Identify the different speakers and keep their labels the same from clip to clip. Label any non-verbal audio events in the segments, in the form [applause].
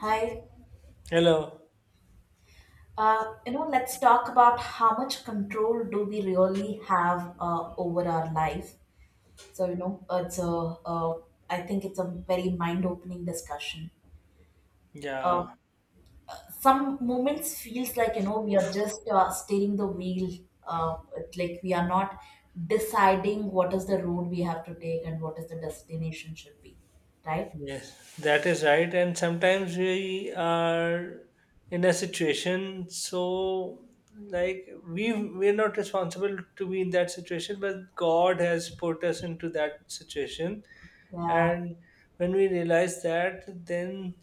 Speaker 1: Hi.
Speaker 2: Hello.
Speaker 1: You know, let's talk about how much control do we really have over our life. So, you know, it's a, uh, I think it's a very mind-opening discussion. Uh,
Speaker 2: Yeah.
Speaker 1: some moments feels like, you know, we are just steering the wheel. It's like we are not deciding what is the road we have to take and what is the destination should be, right?
Speaker 2: Yes, that is right. And sometimes we are in a situation, so like we're not responsible to be in that situation, but God has put us into that situation.
Speaker 1: Yeah,
Speaker 2: And when we realize that, then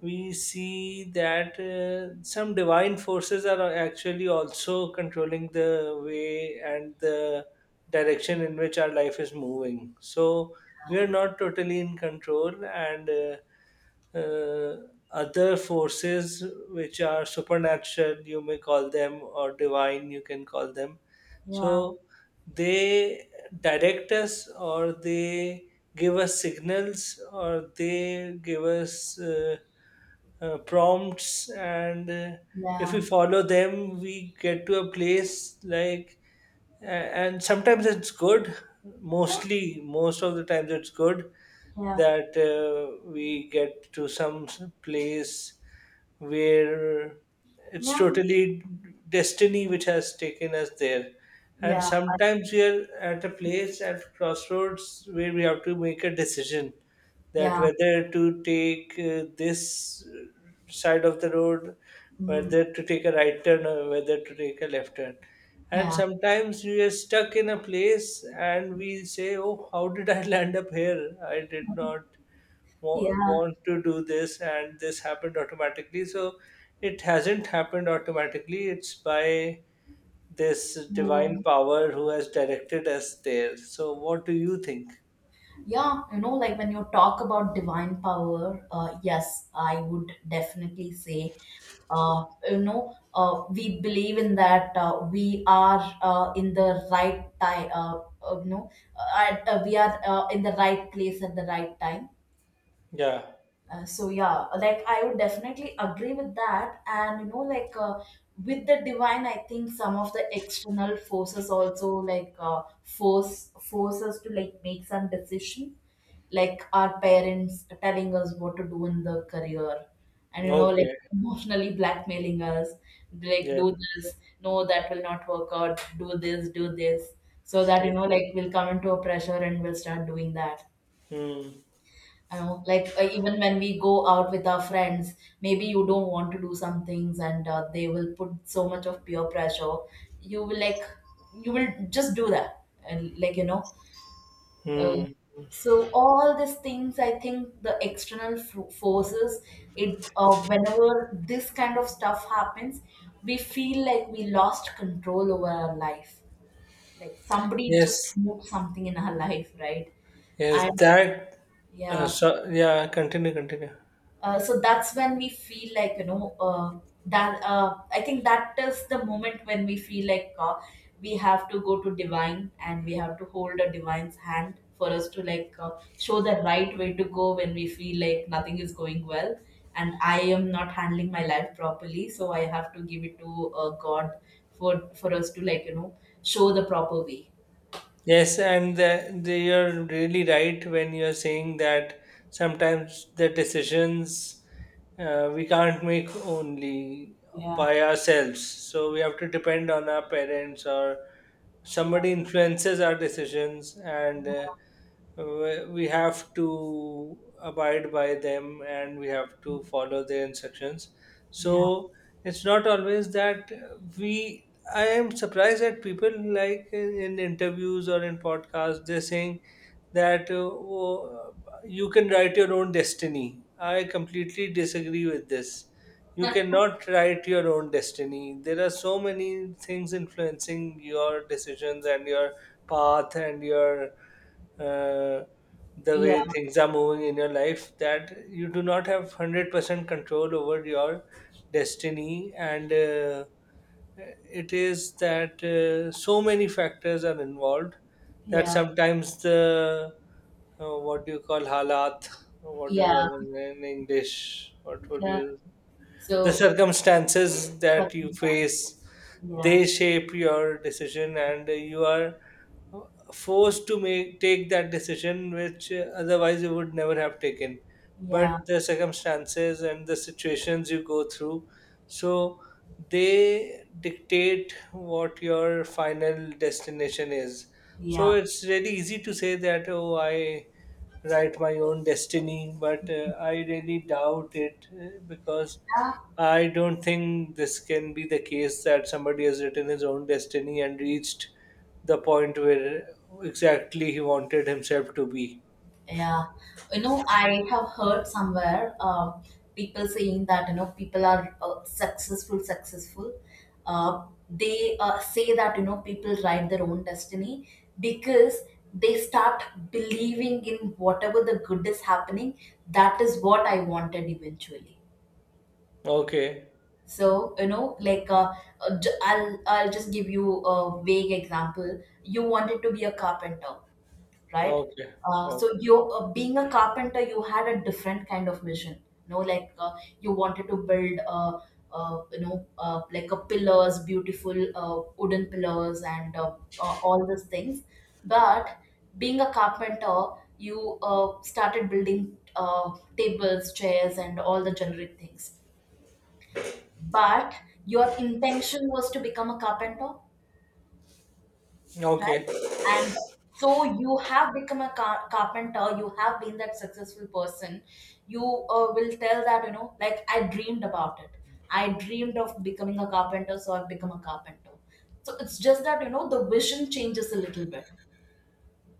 Speaker 2: we see that some divine forces are actually also controlling the way and the direction in which our life is moving. So we are not totally in control, and uh, other forces which are supernatural, you may call them, or divine, you can call them.
Speaker 1: yeah,
Speaker 2: So they direct us, or they give us signals, or they give us prompts, and if we
Speaker 1: yeah,
Speaker 2: follow them, we get to a place like and sometimes it's good,
Speaker 1: yeah,
Speaker 2: most of the times it's good,
Speaker 1: yeah,
Speaker 2: that we get to some place where it's
Speaker 1: yeah,
Speaker 2: totally destiny which has taken us there. And
Speaker 1: yeah,
Speaker 2: sometimes we are at a place at crossroads where we have to make a decision, that
Speaker 1: yeah,
Speaker 2: whether to take this side of the road,
Speaker 1: mm,
Speaker 2: whether to take a right turn or whether to take a left turn. And
Speaker 1: yeah.
Speaker 2: sometimes we are stuck in a place and we say, Oh, how did I [laughs] land up here? I did
Speaker 1: [laughs]
Speaker 2: not
Speaker 1: Yeah,
Speaker 2: want to do this, and this happened automatically. So it hasn't happened automatically, it's by this
Speaker 1: yeah,
Speaker 2: divine power who has directed us there. So, what do you think?
Speaker 1: yeah. You know, like when you talk about divine power, yes, I would definitely say, uh, we believe in that we are in the right time. We are in the right place at the right time.
Speaker 2: Yeah,
Speaker 1: So yeah, like I would definitely agree with that, and you know, with the divine, I think some of the external forces also like force us to like make some decision, like our parents telling us what to do in the career, and you know, like
Speaker 2: okay,
Speaker 1: emotionally blackmailing us, like
Speaker 2: yeah.
Speaker 1: do this, no, that will not work out, do this, so that
Speaker 2: Yeah.
Speaker 1: you know, like we'll come into a pressure and we'll start doing that.
Speaker 2: Hmm.
Speaker 1: I know, even when we go out with our friends, maybe you don't want to do some things, and they will put so much of peer pressure. You will like, you will just do that, and like you know. Uh,
Speaker 2: Hmm.
Speaker 1: so all these things, I think the external forces. It Whenever this kind of stuff happens, we feel like we lost control over our life. Like somebody just
Speaker 2: Yes,
Speaker 1: moved something in our [laughs] life, right?
Speaker 2: yes,
Speaker 1: And
Speaker 2: that. Uh,
Speaker 1: yeah,
Speaker 2: so yeah, continue, continue.
Speaker 1: so that's when we feel like you know that I think that is the moment when we feel like we have to go to divine and we have to hold a divine's hand for us to show the right way to go when we feel like nothing is going well, and I am not handling my life properly, so I have to give it to God for us to like you know show the proper way.
Speaker 2: Yes, and you're really right when you're saying that sometimes the decisions we can't make only
Speaker 1: Yeah,
Speaker 2: by ourselves. So we have to depend on our parents, or
Speaker 1: yeah,
Speaker 2: somebody influences our decisions, and we have to abide by them and we have to follow their instructions.
Speaker 1: yeah.
Speaker 2: So it's not always that we I am surprised that people, like in interviews or in podcasts, they're saying that oh, you can write your own destiny. I completely disagree with this. You
Speaker 1: [laughs]
Speaker 2: cannot write your own destiny. There are so many things influencing your decisions and your path and your uh, the
Speaker 1: Yeah,
Speaker 2: way things are moving in your life, that you do not have 100% control over your destiny. And. It is that so many factors are involved, that
Speaker 1: yeah,
Speaker 2: sometimes the what do you call, halat, what do you call
Speaker 1: yeah.
Speaker 2: them in English, what would
Speaker 1: Yeah.
Speaker 2: you, the
Speaker 1: So
Speaker 2: circumstances
Speaker 1: But
Speaker 2: that you face,
Speaker 1: yeah,
Speaker 2: they shape your decision, and you are forced to make take that decision which otherwise you would never have taken.
Speaker 1: yeah,
Speaker 2: But the circumstances and the situations you go through, so they dictate what your final destination is. So
Speaker 1: yeah,
Speaker 2: it's really easy to say that, oh, I write my own destiny, but I really doubt it, because
Speaker 1: yeah,
Speaker 2: I don't think this can be the case, that somebody has written his own destiny and reached the point where exactly he wanted himself to be.
Speaker 1: yeah. You know, I have heard somewhere people saying that you know people are successful. They say that you know people write their own destiny because they start believing in whatever the good is happening. That is what I wanted eventually.
Speaker 2: Okay,
Speaker 1: So you know, I'll just give you a vague example. You wanted to be a carpenter, right?
Speaker 2: okay,
Speaker 1: So
Speaker 2: okay,
Speaker 1: you being a carpenter, you had a different kind of mission. You know, you wanted to build, like a pillars, beautiful wooden pillars, and all these things. But being a carpenter, you started building tables, chairs, and all the generic things. But your intention was to become a carpenter,
Speaker 2: okay.
Speaker 1: right? And so you have become a carpenter, you have been that successful person. You will tell that, you know, like I dreamed about it. I dreamed of becoming a carpenter, so I've become a carpenter. So it's just that, you know, the vision changes a little bit.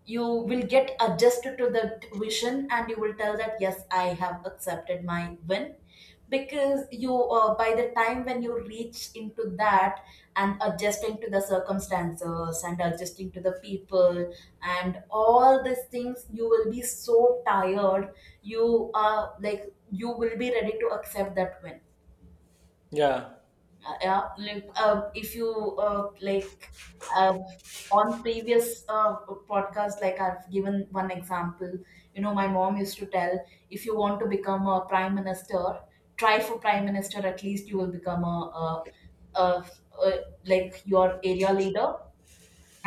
Speaker 1: You will get adjusted to that vision and you will tell that yes, I have accepted my win, because you by the time when you reach into that and adjusting to the circumstances and adjusting to the people and all these things you will be so tired, you are like, you will be ready to accept that win.
Speaker 2: Yeah,
Speaker 1: Yeah, like, if you like uh, on previous podcast, like I've given one example. You know, my mom used to tell, if you want to become a prime minister, try for prime minister. At least you will become a, a, a like your area leader.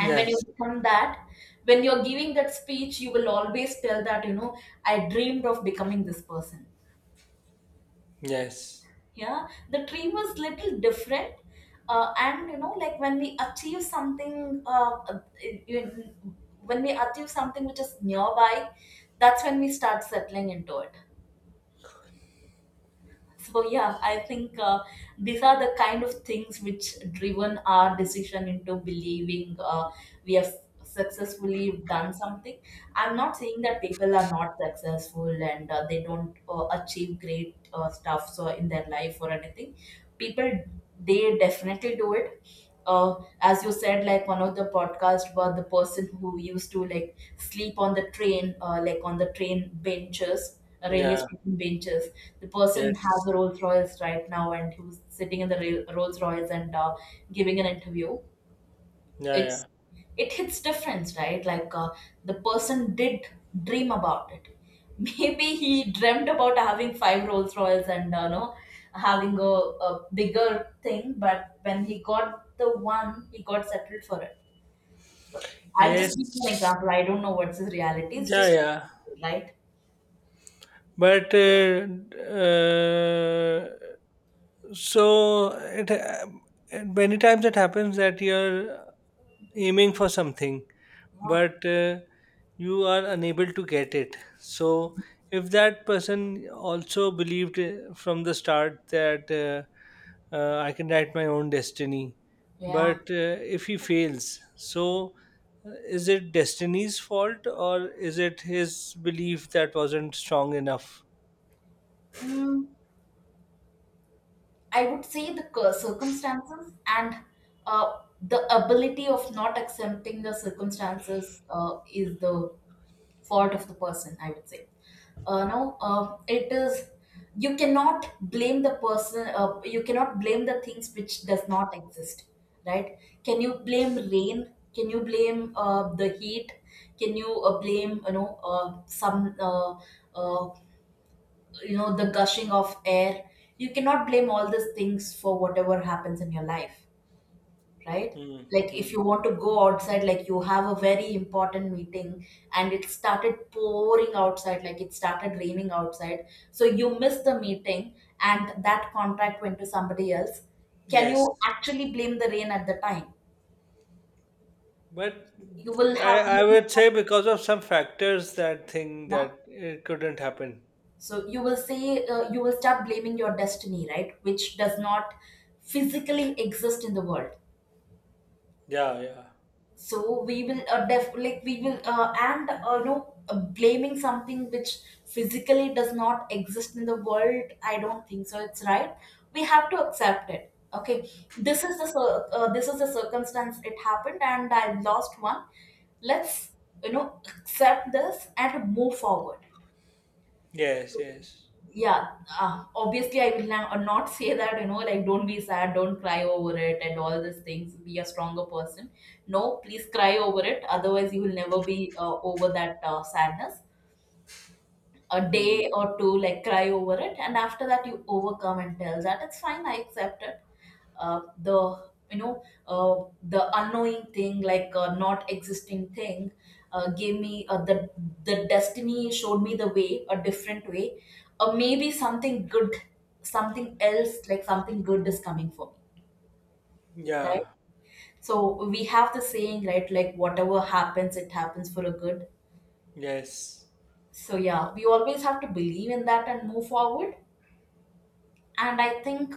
Speaker 1: And when you become that, when you're giving that speech, you will always tell that you know I dreamed of becoming this person.
Speaker 2: yes,
Speaker 1: Yeah, the dream was little different. And you know like when we achieve something, you- when we achieve something which is nearby, that's when we start settling into it. So yeah, I think these are the kind of things which driven our decision into believing we have successfully done something. I'm not saying that people are not successful and they don't achieve great stuff so in their life or anything. People, they definitely do it. uh, as you said, like one of the podcast about the person who used to like sleep on the train, like on the train benches, railway
Speaker 2: yeah,
Speaker 1: station benches. The person has a
Speaker 2: yes,
Speaker 1: Rolls Royce right now and he was sitting in the Rolls Royce and giving an interview.
Speaker 2: yeah,
Speaker 1: It's,
Speaker 2: yeah,
Speaker 1: it hits difference, right? The person did dream about it. [laughs] Maybe he dreamt about having five Rolls Royals and no, having a bigger thing, but when he got the one he got settled for it. I'm just giving an
Speaker 2: yes,
Speaker 1: example, I don't know what's his reality, it's
Speaker 2: yeah,
Speaker 1: just
Speaker 2: yeah.
Speaker 1: like, right?
Speaker 2: But uh, so it many times it happens that you're aiming for something,
Speaker 1: Yeah,
Speaker 2: but you are unable to get it. So if that person also believed from the start that I can write my own destiny,
Speaker 1: yeah,
Speaker 2: but if he fails, so is it destiny's fault, or is it his belief that wasn't strong enough?
Speaker 1: mm, I would say the circumstances and uh, the ability of not accepting the circumstances is the fault of the person, I would say. No it is, you cannot blame the person, you cannot blame the things which does not exist, right? Can you blame rain? Can you blame the heat? Can you blame you know some uh, you know, the gushing of air? You cannot blame all these things for whatever happens in your life, right?
Speaker 2: Hmm.
Speaker 1: Like if you
Speaker 2: Mm.
Speaker 1: want to go outside, like you have a very important meeting and it started pouring outside, like it started raining outside. So you missed the meeting and that contract went to somebody else. Can
Speaker 2: Yes.
Speaker 1: you actually blame the rain at the time?
Speaker 2: But
Speaker 1: You will have, you
Speaker 2: I
Speaker 1: will
Speaker 2: would
Speaker 1: have
Speaker 2: say because of some factors, that thing,
Speaker 1: yeah.
Speaker 2: that it couldn't happen.
Speaker 1: So you will say, you will start blaming your destiny, right? Which does not physically exist in the world.
Speaker 2: Yeah, yeah.
Speaker 1: So we will def- like we will and you know blaming something which physically does not exist in the world, I don't think so it's right. We have to accept it, okay? This is the this is the circumstance, it happened and I lost one. Let's you know accept this and move forward.
Speaker 2: Yes, yes.
Speaker 1: Yeah, obviously I will not, not say that you know like don't be sad, don't cry over it and all these things, be a stronger person. No, please cry over it, otherwise you will never be over that sadness. A day
Speaker 2: Mm.
Speaker 1: or two, like cry over it, and after that you overcome and tell that it's fine. I accept it. The you know The unknowing thing, like not existing thing, gave me the destiny showed me the way, a different way, or maybe something good, something else, like something good is coming for me, right?
Speaker 2: Yeah.
Speaker 1: So we have the saying, right? Like whatever happens, it happens for a good.
Speaker 2: Yes.
Speaker 1: So yeah, we always have to believe in that and move forward. And I think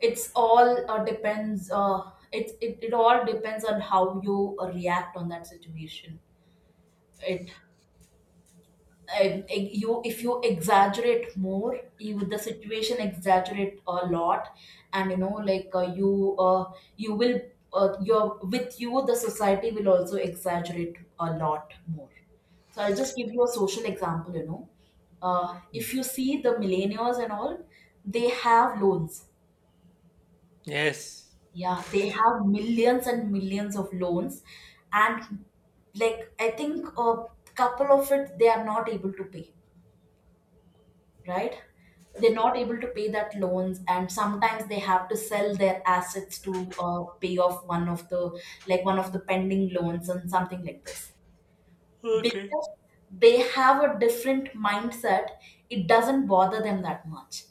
Speaker 1: it's all depends it, it it all depends on how you react on that situation. it, you, if you exaggerate more, you, the situation exaggerate a lot, and you know you will, your with you the society will also exaggerate a lot more. So I'll just give you a social example, you know,
Speaker 2: Mm.
Speaker 1: if you see the millennials and all, they have loans.
Speaker 2: Yes.
Speaker 1: Yeah, they have millions and millions of loans, and like I think a couple of it they are not able to pay, right? They're not able to pay that loans, and sometimes they have to sell their assets to pay off one of the, like one of the pending loans and something like this.
Speaker 2: Okay.
Speaker 1: Because they have a different mindset, it doesn't bother them that much.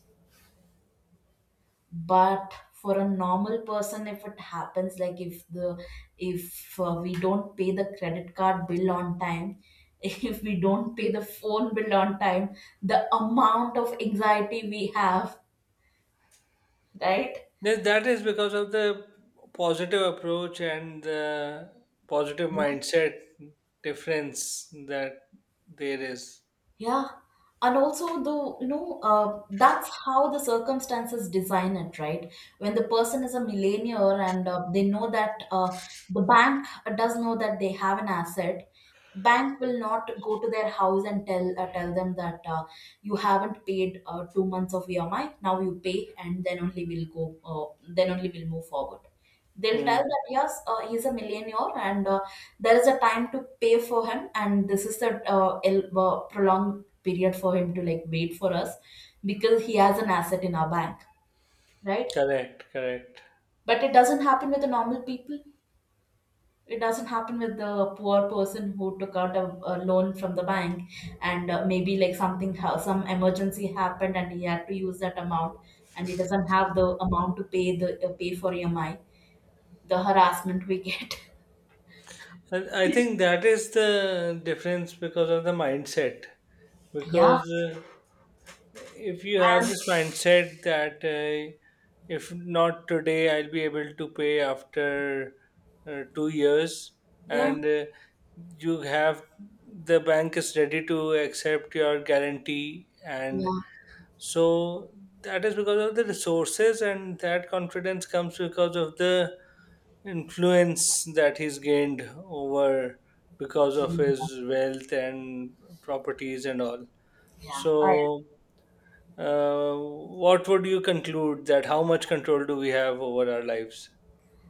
Speaker 1: But for a normal person, if it happens, like if we don't pay the credit card bill on time, [laughs] if we don't pay the phone bill on time, the amount of anxiety we have, right?
Speaker 2: Yes, that is because of the positive approach and the positive mindset difference that there is.
Speaker 1: Yeah, and also though you know that's how the circumstances design it, right? When the person is a millionaire and they know that the bank does know that they have an asset, bank will not go to their house and tell them that you haven't paid 2 months of EMI. Now you pay, and then only we'll go. Then only we'll move forward. They'll tell
Speaker 2: Mm.
Speaker 1: that yes, he's a millionaire, and there is a time to pay for him, and this is a prolonged period for him to like wait for us because he has an asset in our bank, right?
Speaker 2: Correct, correct.
Speaker 1: But it doesn't happen with the normal people. It doesn't happen with the poor person who took out a loan from the bank, and maybe like something some emergency happened, and he had to use that amount, and he doesn't have the amount to pay the pay for EMI. The harassment we get.
Speaker 2: And I think that is the difference, because of the mindset.
Speaker 1: [laughs] Yeah,
Speaker 2: Because if you have this mindset that if not today, I'll be able to pay after 2 years,
Speaker 1: yeah.
Speaker 2: and you have, the bank is ready to accept your guarantee, and
Speaker 1: Yeah.
Speaker 2: so that is because of the resources, and that confidence comes because of the influence that he's gained over, because of his wealth and properties and all.
Speaker 1: Yeah. I
Speaker 2: So what would you conclude, that how much control do we have over our lives?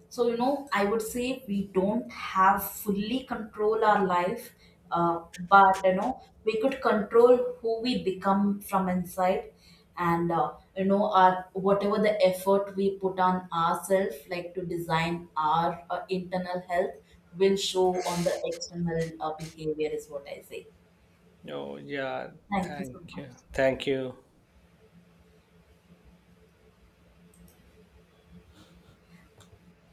Speaker 1: So, you know, I would say we don't have fully control our life, but you know, we could control who we become from inside, and you know, our whatever the effort we put on ourselves, like to design our internal health, will show on the external behavior, is what I say.
Speaker 2: Oh, yeah.
Speaker 1: Thank you so
Speaker 2: Thank
Speaker 1: much.
Speaker 2: you. Thank you.